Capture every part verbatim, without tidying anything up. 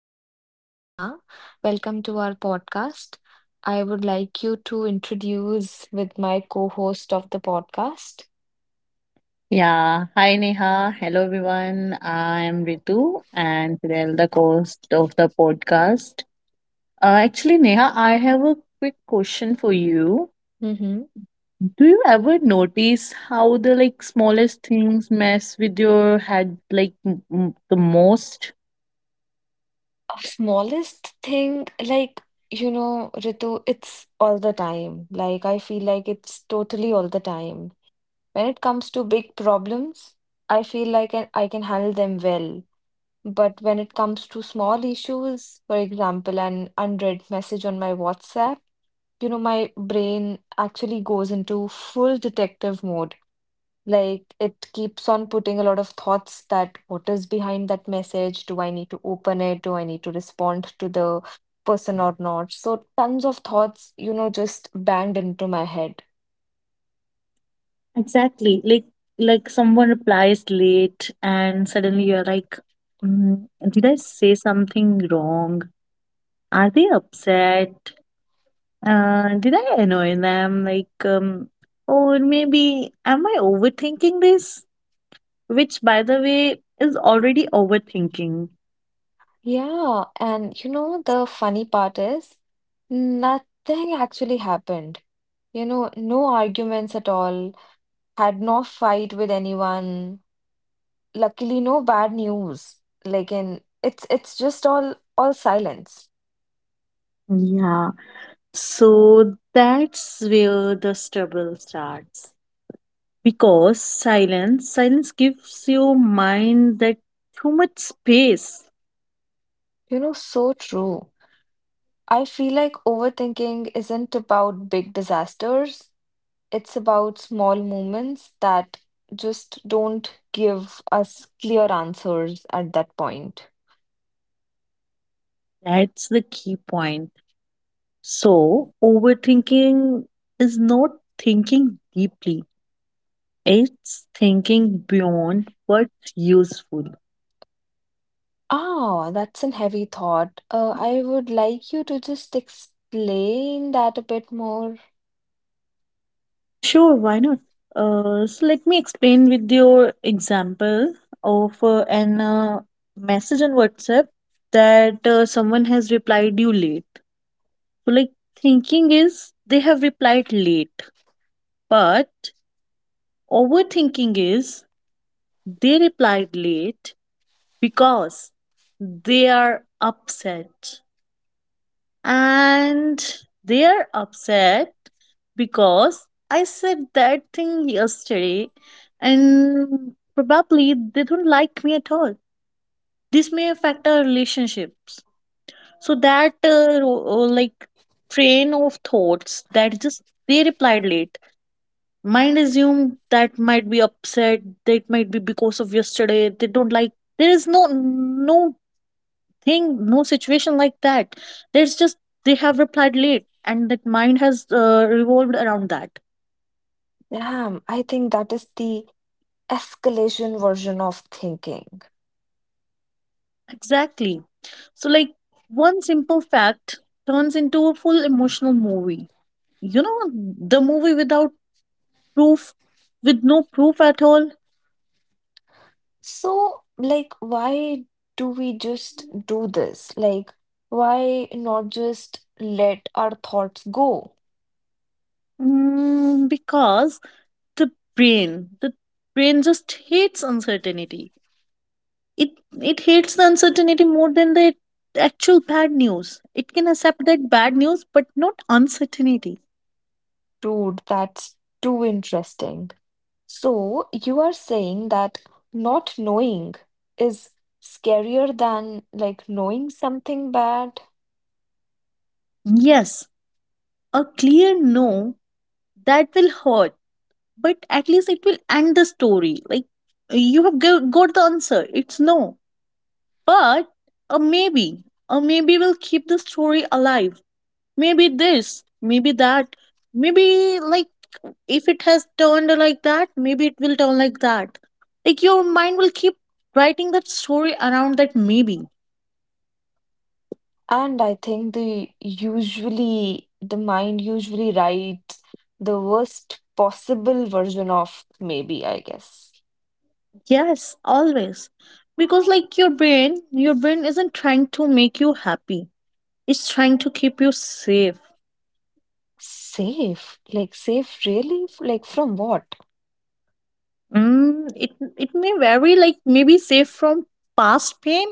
I am Neha. Welcome to our podcast. I would like you to introduce with my co-host of the podcast. Yeah, hi Neha. Hello everyone. I'm Ritu and Fidel, the host of the podcast. Uh, actually, Neha, I have a quick question for you. Mm-hmm. Do you ever notice how the, like, smallest things mess with your head, like m- m- the most? Smallest thing, like, you know, Ritu, it's all the time. Like, I feel like it's totally all the time. When it comes to big problems, I feel like I I can handle them well. But when it comes to small issues, for example, an unread message on my WhatsApp, you know, my brain actually goes into full detective mode. Like it keeps on putting a lot of thoughts that what is behind that message? Do I need to open it? Do I need to respond to the person or not? So tons of thoughts, you know, just banged into my head. Exactly. Like, like someone replies late and suddenly you're like, mm, did I say something wrong? Are they upset? Uh, did I annoy them? Like, um, or maybe am I overthinking this? Which, by the way, is already overthinking. Yeah, and you know, the funny part is nothing actually happened. You know, no arguments at all, had no fight with anyone. Luckily no bad news like in it's it's just all all silence. Yeah, so that's where the struggle starts. Because silence, silence gives your mind that too much space. You know, so true. I feel like overthinking isn't about big disasters, it's about small moments that just don't give us clear answers at that point. That's the key point. So overthinking is not thinking deeply. It's thinking beyond what's useful. Ah, that's an heavy thought. Uh, i would like you to just explain that a bit more. Sure, why not? Uh, so let me explain with your example of uh, an uh, message on WhatsApp, that uh, someone has replied you late. So, like, thinking is they have replied late, but overthinking is they replied late because they are upset. And they're upset because I said that thing yesterday, and probably they don't like me at all. This may affect our relationships. So that uh, ro- uh, like, train of thoughts that just they replied late. Mind assume that might be upset, that might be because of yesterday, they don't like. There is no no thing, no situation like that. There's just they have replied late, and that mind has uh, revolved around that. Damn, I think that is the escalation version of thinking. Exactly. So, like, one simple fact turns into a full emotional movie. You know, the movie without proof, with no proof at all, So, like, why do we just do this? Like, why not just let our thoughts go? mm, because the brain, the brain just hates uncertainty. It it hates the uncertainty more than the actual bad news. It can accept that bad news but not uncertainty. Dude, that's too interesting. So, you are saying that not knowing is scarier than like knowing something bad. Yes, a clear no that will hurt, but at least it will end the story. Like, you have go- got the answer. It's no. But a maybe, a maybe will keep the story alive. Maybe this, maybe that, maybe, like, if it has turned like that, maybe it will turn like that. Like, your mind will keep writing that story around that maybe. And I think the usually, the mind usually writes the worst possible version of maybe, I guess. Yes, always. Because, like, your brain, your brain isn't trying to make you happy. It's trying to keep you safe. Safe? Like, safe really? F- Like, from what? Mm, it it may vary, like, maybe safe from past pain,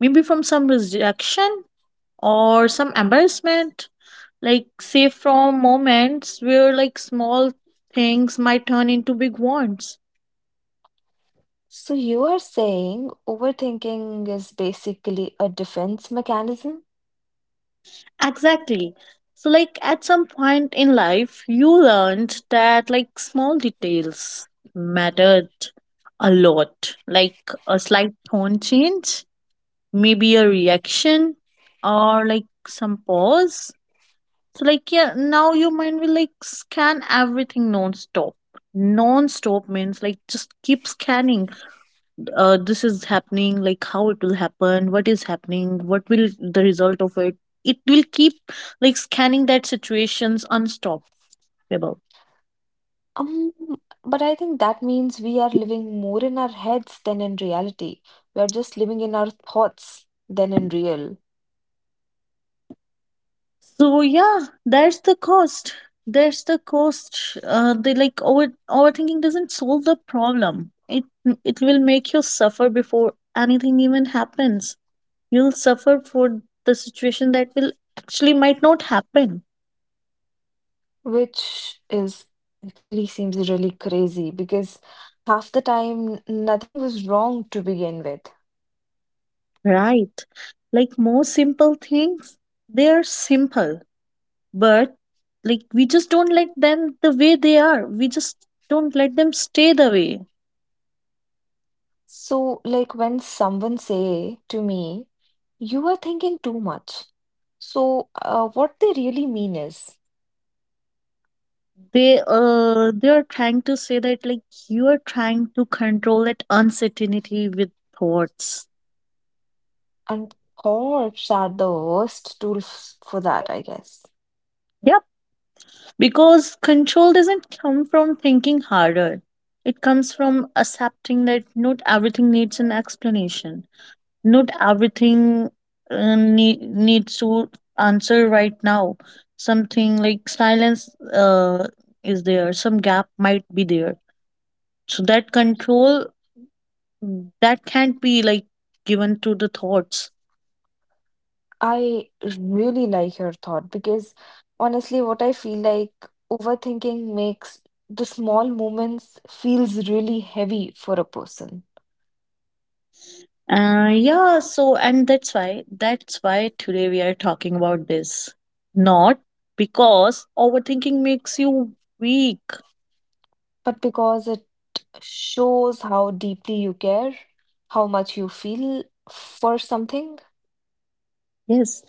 maybe from some rejection or some embarrassment. Like, safe from moments where, like, small things might turn into big ones. So, you are saying overthinking is basically a defense mechanism? Exactly. So, like, at some point in life, you learned that, like, small details mattered a lot. Like, a slight tone change, maybe a reaction, or, like, some pause. So, like, yeah, now your mind will, like, scan everything non stop. Non stop means, like, just keep scanning. Uh, this is happening, like, how it will happen, what is happening, what will the result of it it will keep, like, scanning that situations unstoppable. Um, but I think that means we are living more in our heads than in reality. We are just living in our thoughts than in real, So yeah, that's the cost that's the cost uh, They, like, over overthinking doesn't solve the problem. It it will make you suffer before anything even happens. You'll suffer for the situation that will actually might not happen. which is actually seems really crazy because half the time nothing was wrong to begin with. Right. Like, more simple things, they are simple, but, like, we just don't like them the way they are, we just don't let them stay the way. So, like when someone say to me, you are thinking too much. So, uh, what they really mean is, they uh They are trying to say that, like, you are trying to control that uncertainty with thoughts. and thoughts are the worst tools for that, I guess. Yep, because control doesn't come from thinking harder, it comes from accepting that not everything needs an explanation. Not everything uh, need, needs to answer right now. Something like silence uh, is there, some gap might be there. So that control that can't be, like, given to the thoughts. I really like your thought because honestly, what I feel like overthinking makes the small moments feels really heavy for a person. Uh, yeah, so, and that's why that's why today we are talking about this. Not because overthinking makes you weak. But because it shows how deeply you care, how much you feel for something, Yes,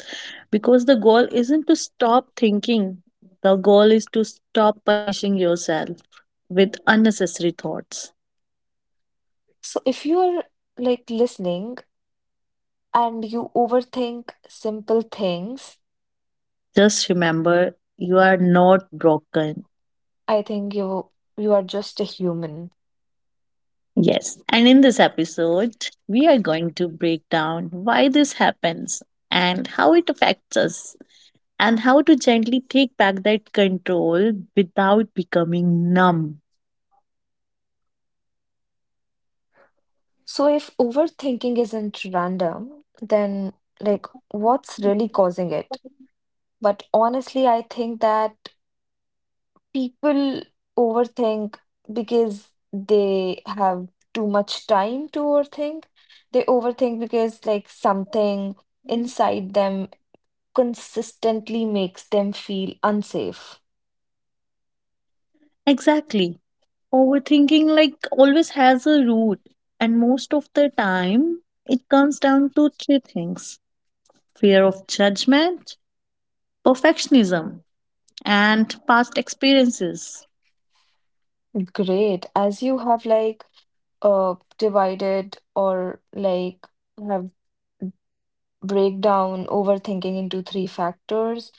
because the goal isn't to stop thinking, the goal is to stop punishing yourself with unnecessary thoughts. so if you're like listening and you overthink simple things, Just remember, you are not broken. I think you you are just a human. Yes, and in this episode, we are going to break down why this happens and how it affects us, and how to gently take back that control without becoming numb. So if overthinking isn't random, then like what's really causing it? But honestly, I think that people overthink because they have too much time to overthink. They overthink because like something inside them consistently makes them feel unsafe. Exactly. Overthinking, like, always has a root, and most of the time it comes down to three things. Fear of judgment, perfectionism and past experiences. Great. As you have like uh divided or like have break down overthinking into three factors.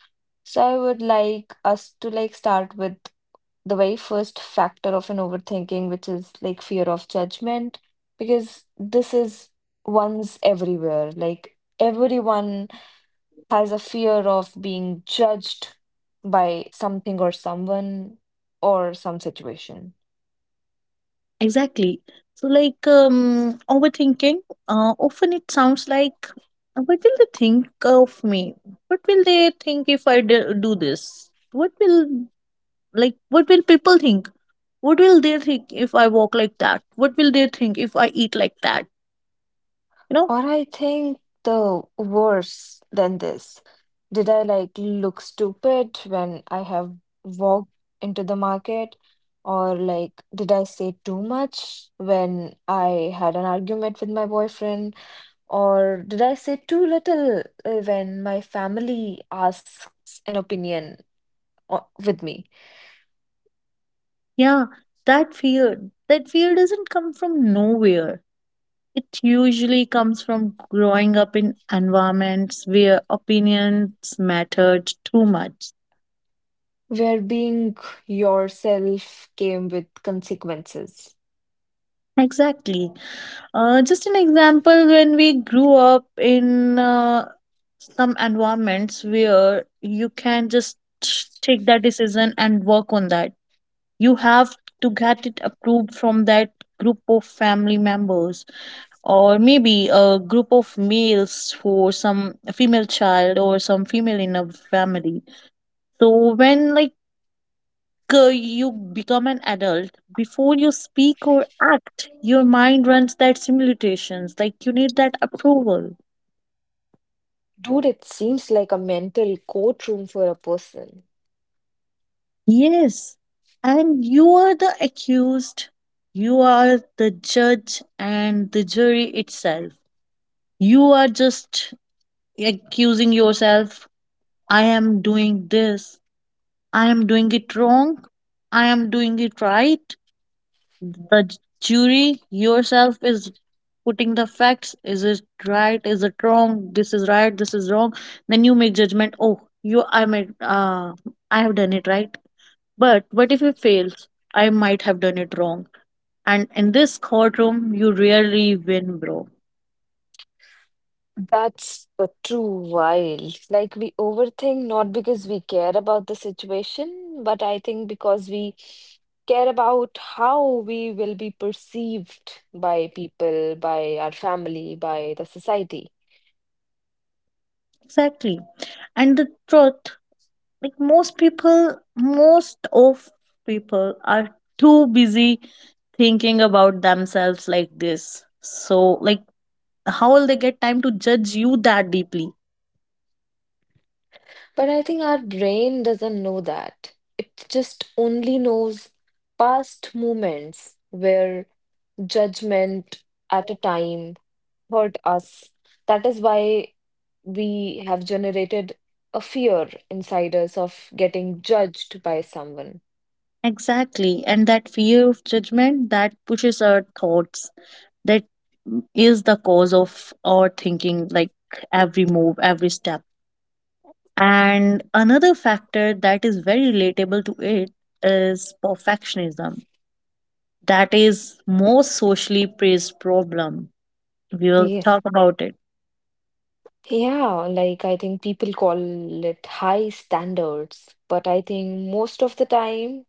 So I would like us to like start with the very first factor of an overthinking, which is like fear of judgment, because this is one's everywhere. Like everyone has a fear of being judged by something or someone or some situation. Exactly. So, like, um overthinking, uh, often it sounds like, what will they think of me? What will they think if I d- do this? What will like what will people think? What will they think if I walk like that? What will they think if I eat like that, you know? Or I think the worse than this. Did I like look stupid when I have walked into the market? Or like, did I say too much when I had an argument with my boyfriend? Or did I say too little uh, when my family asks an opinion o- with me? Yeah, that fear that fear doesn't come from nowhere, it usually comes from growing up in environments where opinions mattered too much. Where being yourself came with consequences. Exactly. Uh, just an example, when we grew up in uh, some environments where you can just take that decision and work on that, you have to get it approved from that group of family members, or maybe a group of males for some female child or some female in a family. So when, like, uh, you become an adult, before you speak or act, your mind runs that simulations, like, you need that approval. Dude, it seems like a mental courtroom for a person. Yes, and you are the accused, you are the judge and the jury itself. You are just accusing yourself. I am doing this, I am doing it wrong, I am doing it right. The jury yourself is putting the facts, is it right, is it wrong, this is right, this is wrong. Then you make judgment. Oh, you I made uh I have done it right. But what if it fails, I might have done it wrong. And in this courtroom you rarely win, bro. That's the true wild. Like we overthink not because we care about the situation, but I think because we care about how we will be perceived by people, by our family, by the society. Exactly. And the truth, like, most people most of people are too busy thinking about themselves like this. So, like, how will they get time to judge you that deeply? But I think our brain doesn't know that. It just only knows past moments where judgment at a time hurt us. That is why we have generated a fear inside us of getting judged by someone. Exactly. And that fear of judgment, that pushes our thoughts, that is the cause of our thinking, like, every move, every step. And another factor that is very relatable to it is perfectionism, that is most socially praised problem. We will Yes. talk about it. Yeah, like I think people call it high standards, but I think most of the time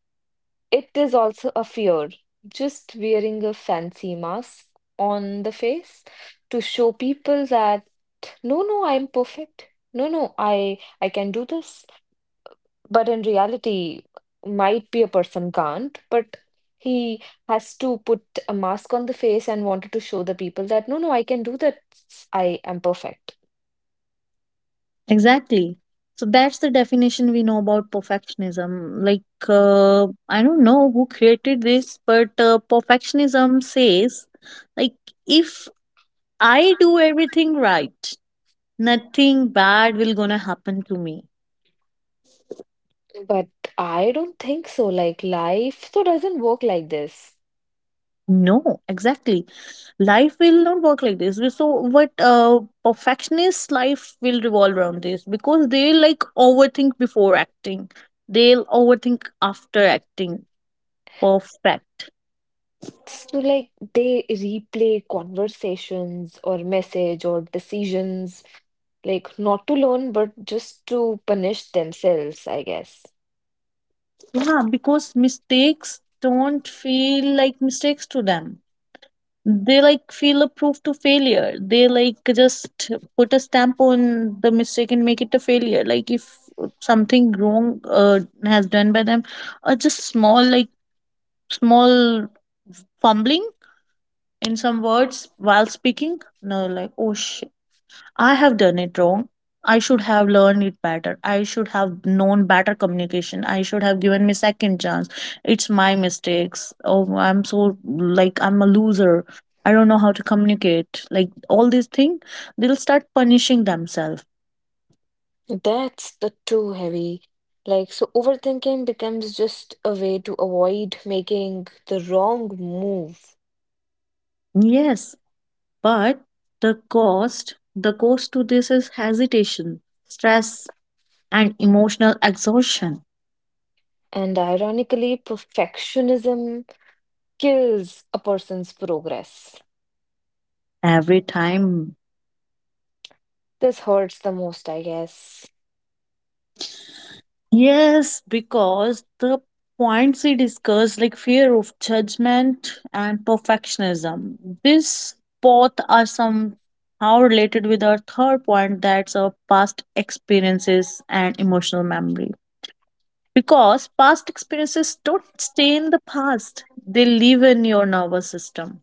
it is also a fear. Just wearing a fancy mask on the face to show people that no, no, I'm perfect. No, no, I I can do this. But in reality, might be a person can't, but he has to put a mask on the face and wanted to show the people that no, no, I can do that. I am perfect. Exactly. So that's the definition we know about perfectionism. Like, uh, I don't know who created this, but uh, perfectionism says, like, if I do everything right, nothing bad will gonna happen to me. But I don't think so. Like life so doesn't work like this. No, exactly, life will not work like this. We- so what, uh, perfectionist life will revolve around this, because they, like, overthink before acting, they'll overthink after acting. Perfect. So like they replay conversations or message or decisions, like not to learn, but just to punish themselves, I guess. Yeah, because mistakes don't feel like mistakes to them. They, like, feel a proof to failure. They, like, just put a stamp on the mistake and make it a failure. Like, if something wrong uh, has done by them, uh, just small, like, small fumbling in some words while speaking. No, like, oh shit, I have done it wrong, I should have learned it better, I should have known better communication, I should have given me second chance, it's my mistakes, oh, I'm so, like, I'm a loser, I don't know how to communicate, like all these things. They'll start punishing themselves. That's the too heavy. Like, so overthinking becomes just a way to avoid making the wrong move. Yes, but the cost the cost to this is hesitation, stress and emotional exhaustion. And ironically, perfectionism kills a person's progress. Every time. This hurts the most, I guess. Yes, because the points we discussed, like fear of judgment and perfectionism, these both are somehow related with our third point, that's our past experiences and emotional memory. Because past experiences don't stay in the past, they live in your nervous system.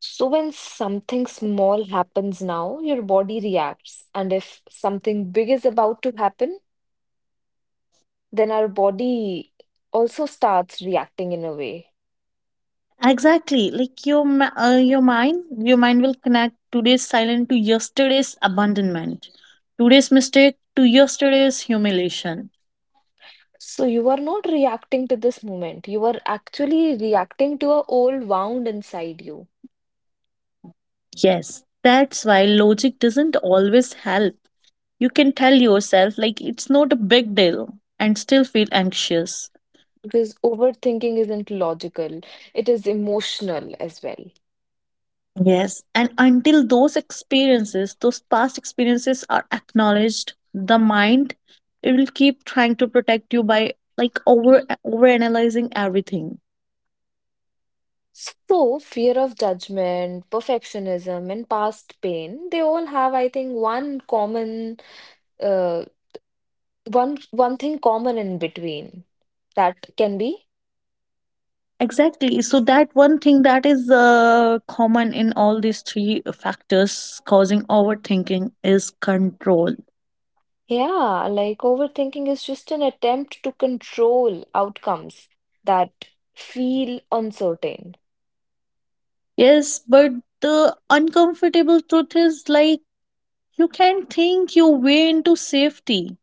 So, when something small happens now, your body reacts. And if something big is about to happen, then our body also starts reacting in a way. Exactly. Like, your ma- uh, your mind, your mind will connect today's silence to yesterday's abandonment, today's mistake to yesterday's humiliation. So you are not reacting to this moment. You are actually reacting to a old wound inside you Yes, that's why logic doesn't always help. You can tell yourself, like, it's not a big deal, and still feel anxious. because overthinking isn't logical. It is emotional as well. Yes, and until those experiences, those past experiences are acknowledged, the mind, it will keep trying to protect you by, like, over over analyzing everything. So fear of judgment, perfectionism, and past pain, they all have, I think, one common uh one one thing common in between that can be Exactly. So that one thing that is uh, common in all these three factors causing overthinking is control. yeah, like overthinking is just an attempt to control outcomes that feel uncertain. Yes, but the uncomfortable truth is, like, you can think your way into safety,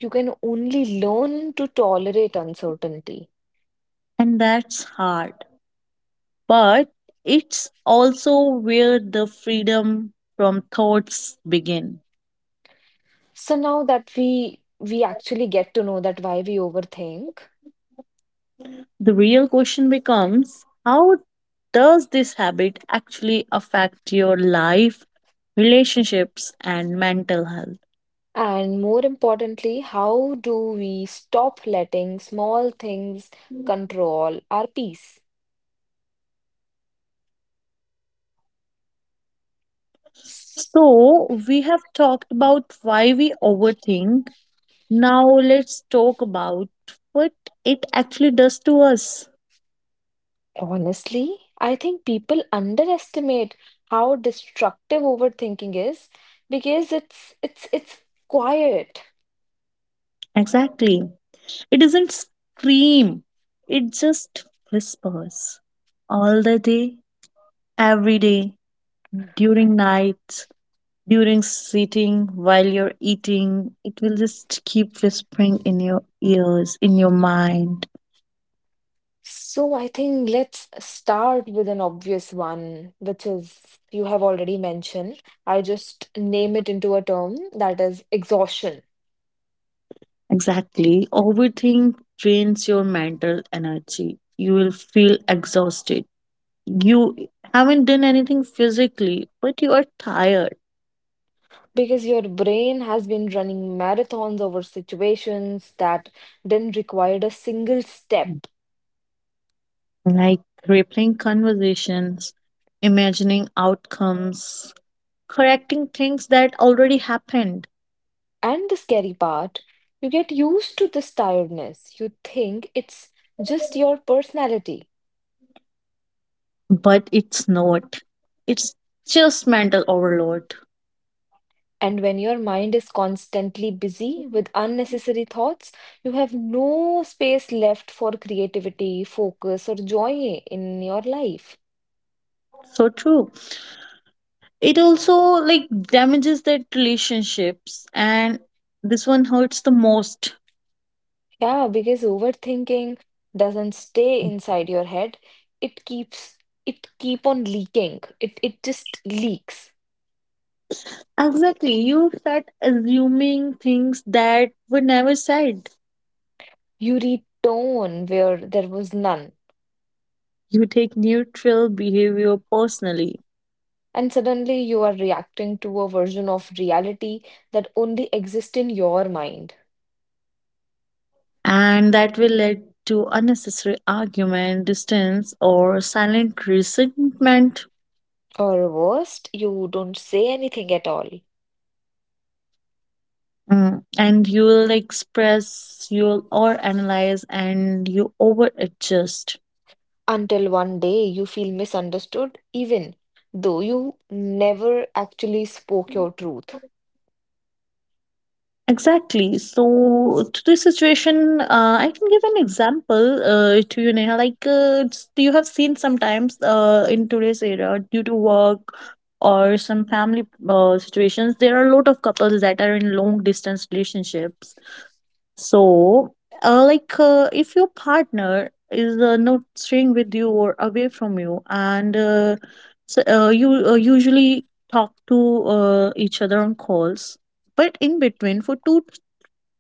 You can only learn to tolerate uncertainty. and that's hard. But it's also where the freedom from thoughts begin. So now that we we actually get to know that why we overthink, The real question becomes, how does this habit actually affect your life, relationships, and mental health? and more importantly, how do we stop letting small things control our peace? S- So, we have talked about why we overthink. Now, let's talk about what it actually does to us. Honestly, I think people underestimate how destructive overthinking is because it's it's it's quiet. Exactly. It doesn't scream, it just whispers all the day, every day, during nights, during sitting, while you're eating. It will just keep whispering in your ears, in your mind. So I think let's start with an obvious one, which is you have already mentioned. I just name it into a term that is exhaustion. Exactly. Overthink drains your mental energy. You will feel exhausted. You haven't done anything physically, but you are tired. Because your brain has been running marathons over situations that didn't require a single step. Like, replaying conversations, imagining outcomes, correcting things that already happened. And the scary part, you get used to this tiredness. You think it's just your personality. But it's not. It's just mental overload. And when your mind is constantly busy with unnecessary thoughts, you have no space left for creativity, focus, or joy in your life. So true. It also, like, damages that relationships, and this one hurts the most. Yeah, because overthinking doesn't stay inside your head. It keeps it keep on leaking. It it just leaks. Exactly. You start assuming things that were never said. You return where there was none. You take neutral behavior personally, And suddenly you are reacting to a version of reality that only exists in your mind. and that will lead to unnecessary argument, distance or silent resentment. Or worst, you don't say anything at all Mm. And you will express, you'll or analyze and you over adjust. until one day you feel misunderstood, even though you never actually spoke your truth. Exactly. So, to this situation, uh, I can give an example uh, to you, Neha. Like, uh, it's- you have seen sometimes uh, in today's era, due to work or some family uh, situations, there are a lot of couples that are in long distance relationships. So, uh, like, uh, if your partner is uh, not staying with you or away from you, and uh, so, uh, you uh, usually talk to uh, each other on calls, but in between for two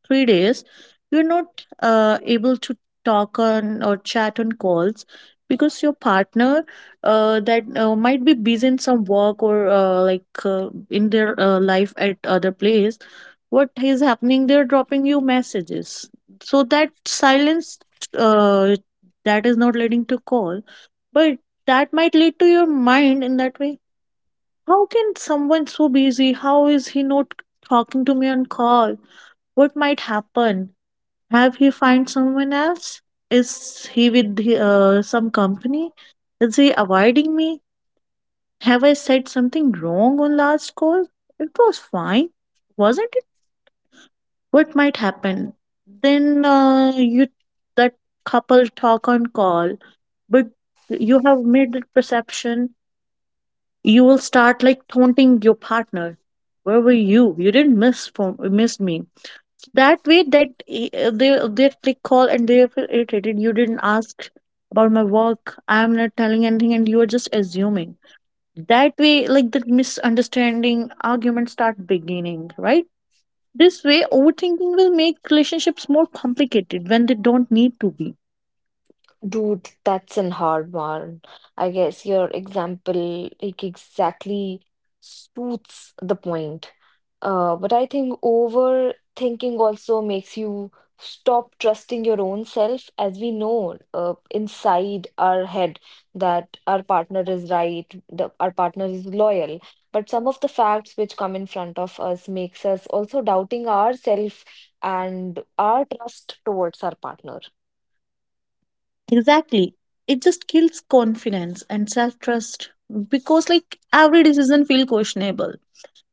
three days, you're not uh, able to talk on or chat on calls because your partner uh, that uh, might be busy in some work or uh, like uh, in their uh, life at other place. What is happening? They're dropping you messages. So that silence uh, that is not leading to call, but that might lead to your mind in that way. How can someone so busy? How is he not talking to me on call? What might happen? Have he find someone else? Is he with the, uh, some company? Is he avoiding me? Have I said something wrong on last call? It was fine, wasn't it? What might happen? Then uh, you that couple talk on call, but you have made the perception. You will start like taunting your partner. Where were you? You didn't miss for, miss me. So that way that I- uh, they they click call and they feel irritated. You didn't ask about my work. I am not telling anything, and you are just assuming. That way, like, the misunderstanding, arguments start beginning, right? This way, overthinking will make relationships more complicated when they don't need to be. Dude, that's an hard one. I guess your example like exactly suits the point. Uh, but I think overthinking also makes you stop trusting your own self, as we know uh, inside our head that our partner is right, the, our partner is loyal. But some of the facts which come in front of us makes us also doubting ourself and our trust towards our partner. Exactly. It just kills confidence and self trust because, like, every decision feels questionable.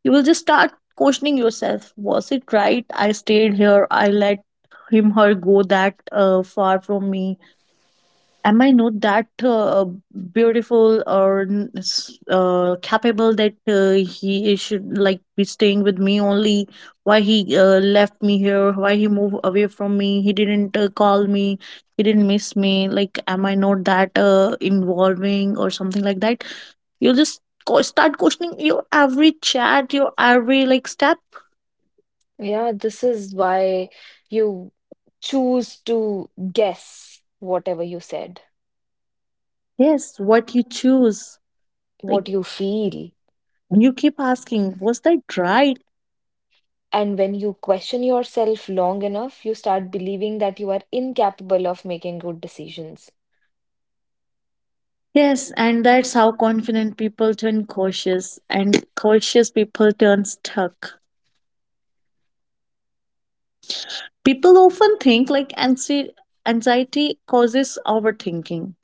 You will just start questioning yourself. Was it right? I stayed here. I let him her go that uh, far from me. Am I not that uh, beautiful or uh, capable that uh, he should like be staying with me only? Why he uh, left me here? Why he moved away from me? He didn't uh, call me. He didn't miss me. Like, am I not that uh, involving or something like that? You'll just co- start questioning your every chat, your every like step. Yeah, this is why you choose to guess whatever you said, Yes, what you choose. Like, what you feel. you keep asking, was that right? And when you question yourself long enough, you start believing that you are incapable of making good decisions. Yes, and that's how confident people turn cautious, and cautious people turn stuck. People often think like anxi- anxiety causes overthinking.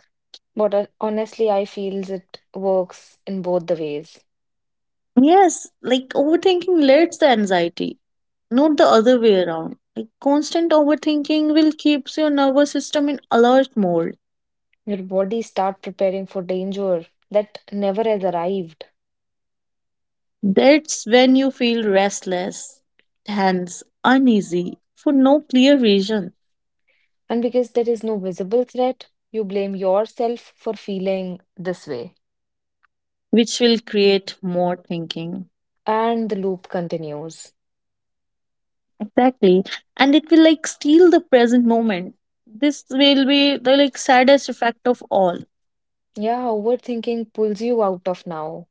But uh, honestly, I feels it works in both the ways. Yes, like overthinking leads to anxiety, not the other way around. Like, constant overthinking will keeps your nervous system in alert mode. Your body start preparing for danger that never has arrived. That's when you feel restless, tense, uneasy for no clear reason, And because there is no visible threat, you blame yourself for feeling this way. which will create more thinking. And the loop continues. Exactly. And it will like steal the present moment. This will be the like saddest effect of all. Yeah, overthinking pulls you out of now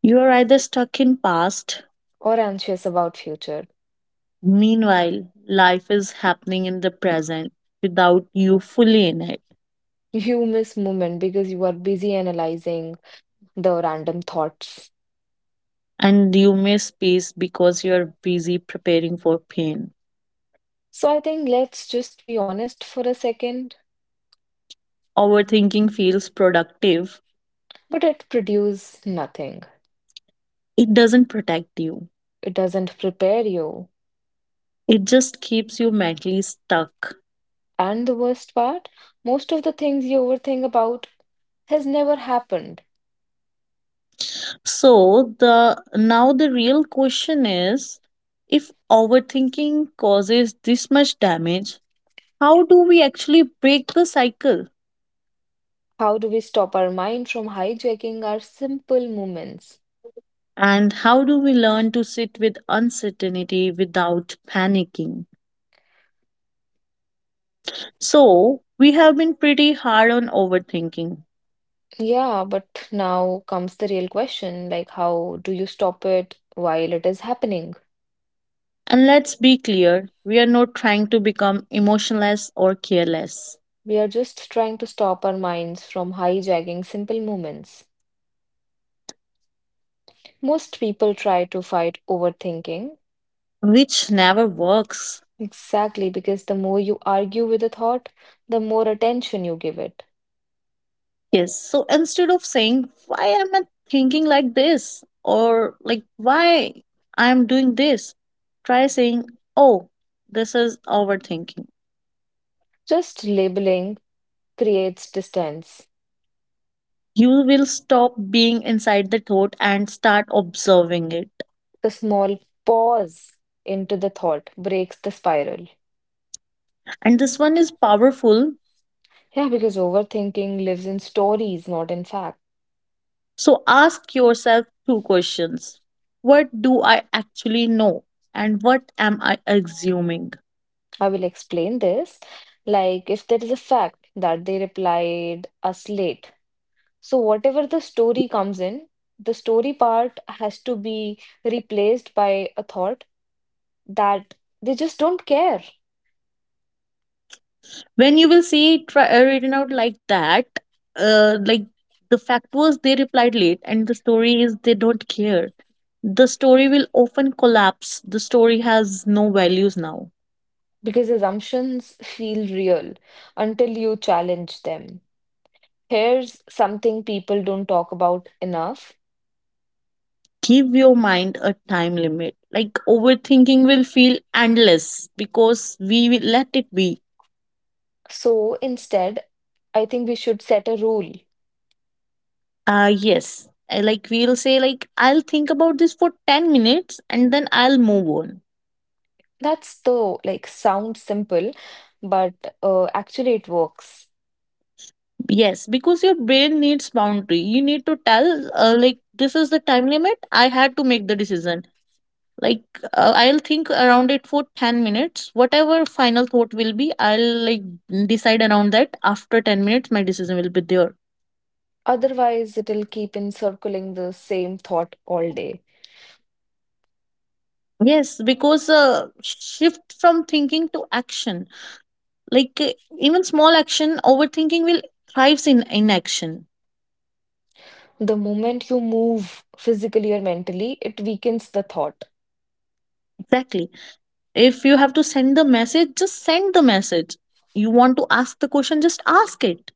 You are either stuck in past, or anxious about future. meanwhile, life is happening in the present without you fully in it. You miss moment because you are busy analyzing the random thoughts. And you miss peace because you're busy preparing for pain. So I think let's just be honest for a second, Overthinking feels productive. but it produces nothing. It doesn't protect you. It doesn't prepare you. It just keeps you mentally stuck. And the worst part, most of the things you overthink about has never happened. So the now the real question is, if overthinking causes this much damage, how do we actually break the cycle? How do we stop our mind from hijacking our simple moments? And how do we learn to sit with uncertainty without panicking? So we have been pretty hard on overthinking, Yeah, but now comes the real question, like how do you stop it while it is happening? and let's be clear, we are not trying to become emotionless or careless, We are just trying to stop our minds from hijacking simple moments. Most people try to fight overthinking, which never works. exactly because the more you argue with a thought, the more attention you give it. Yes. So instead of saying, why am I thinking like this? Or like, why I'm doing this? Try saying, oh, this is overthinking. Just labeling creates distance. You will stop being inside the thought and start observing it. The small pause into the thought breaks the spiral. And this one is powerful. Yeah, because overthinking lives in stories, not in facts. So ask yourself two questions. What do I actually know? And what am I assuming? I will explain this. Like, if there is a fact that they replied us late, so whatever the story comes in, the story part has to be replaced by a thought that they just don't care When you will see it tri- uh, written out like that, uh, like the fact was they replied late and the story is they don't care. The story will often collapse. The story has no values now. because assumptions feel real until you challenge them. Here's something people don't talk about enough. Give your mind a time limit. Like, overthinking will feel endless because we will let it be. So instead, I think we should set a rule. Uh yes I, like, we'll say like, I'll think about this for ten minutes and then I'll move on. That's the like sounds simple, but uh, actually it works. Yes, because your brain needs boundary. You need to tell, uh, like, this is the time limit. I had to make the decision. Like, uh, I'll think around it for ten minutes. Whatever final thought will be, I'll, like, decide around that. After ten minutes, my decision will be there. Otherwise, it'll keep encircling the same thought all day. Yes, because uh, shift from thinking to action. Like, uh, even small action, overthinking will thrives in inaction. The moment you move physically or mentally, it weakens the thought. Exactly. If you have to send the message, just send the message. You want to ask the question, just ask it.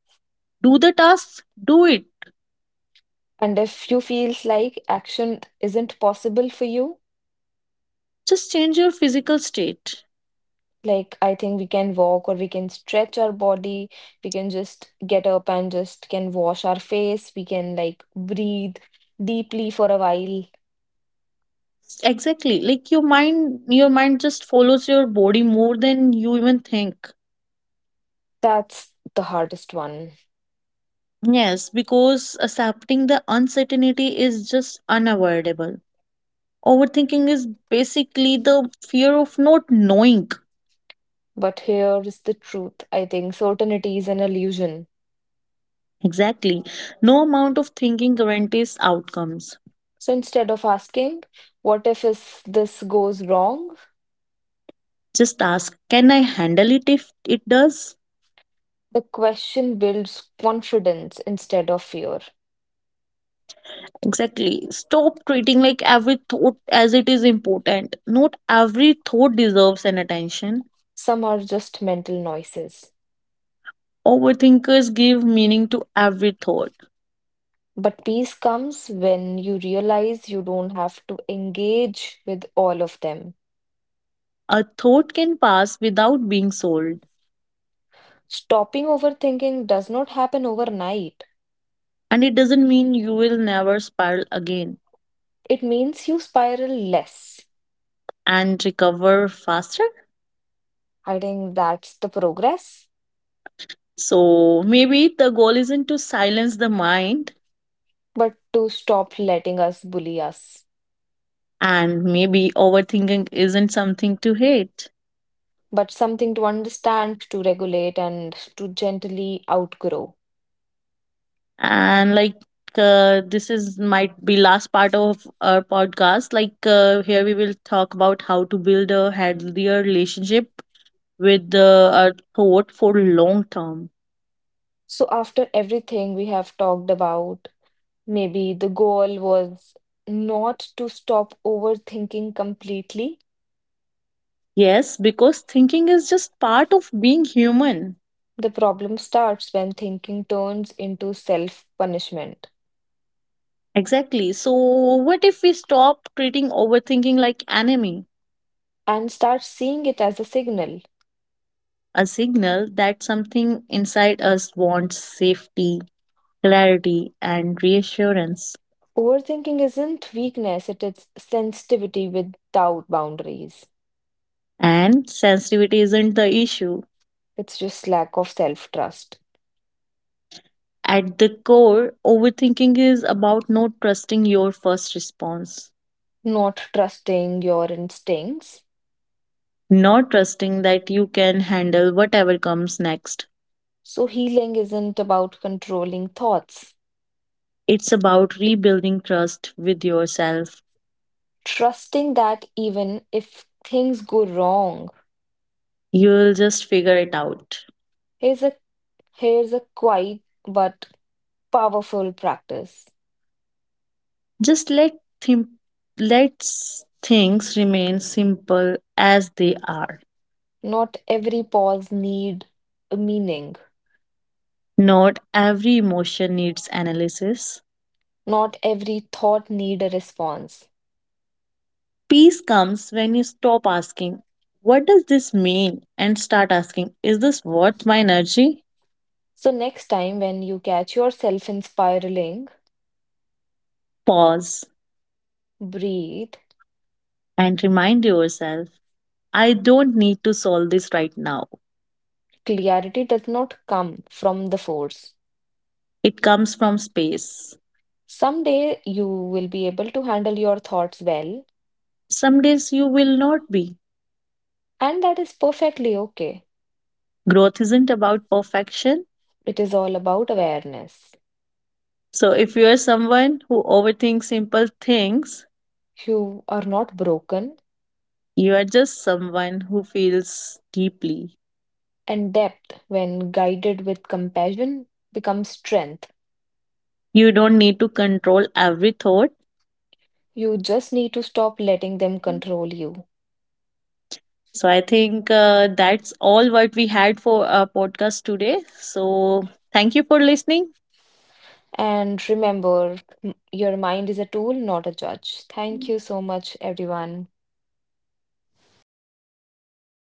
Do the tasks, do it. And if you feels like action isn't possible for you, Just change your physical state. like I think we can walk or we can stretch our body, we can just get up and just can wash our face, we can like breathe deeply for a while. Exactly, like your mind, your mind just follows your body more than you even think. That's the hardest one. Yes, because accepting the uncertainty is just unavoidable. Overthinking is basically the fear of not knowing. But here is the truth. I think certainty is an illusion. Exactly. No amount of thinking guarantees outcomes. So instead of asking, what if is this goes wrong? Just ask, can I handle it if it does? The question builds confidence instead of fear. Exactly. Stop treating like every thought as it is important. Not every thought deserves an attention. Some are just mental noises. Overthinkers give meaning to every thought. But peace comes when you realize you don't have to engage with all of them. A thought can pass without being sold, Stopping overthinking does not happen overnight. and it doesn't mean you will never spiral again It means you spiral less. and recover faster. I think that's the progress. So maybe the goal isn't to silence the mind, But to stop letting us bully us. and maybe overthinking isn't something to hate. But something to understand, to regulate, and to gently outgrow. And like, uh, this is might be last part of our podcast. Like, uh, here we will talk about how to build a healthier relationship with uh, our thought for long term. So, after everything we have talked about, maybe the goal was not to stop overthinking completely. Yes, because thinking is just part of being human. The problem starts when thinking turns into self punishment Exactly, so what if we stop treating overthinking like enemy? and starts seeing it as a signal. A signal that something inside us wants safety, clarity and reassurance. Overthinking isn't weakness, it is sensitivity without boundaries. And sensitivity isn't the issue. It's just lack of self trust, At the core, overthinking is about not trusting your first response, not trusting your instincts. not trusting that you can handle whatever comes next. So, healing isn't about controlling thoughts. It's about rebuilding trust with yourself. Trusting that even if things go wrong, You'll just figure it out. here's a, here's a quiet but powerful practice. Just let them, let things remain simple as they are. Not every pause need a meaning. Not every emotion needs analysis. Not every thought need a response. Peace comes when you stop asking, what does this mean? And start asking, is this worth my energy? So next time when you catch yourself in spiraling, Pause breathe. and remind yourself, I don't need to solve this right now. Clarity does not come from the force. It comes from space. Someday you will be able to handle your thoughts well, Some days you will not be. and that is perfectly okay. Growth isn't about perfection. It is all about awareness. So if you are someone who overthinks simple things, You are not broken, you are just someone who feels deeply. and depth, when guided with compassion, becomes strength. You don't need to control every thought. You just need to stop letting them control you. So I think uh, that's all what we had for our podcast today. So thank you for listening. And remember, m- your mind is a tool, not a judge. Thank you so much, everyone.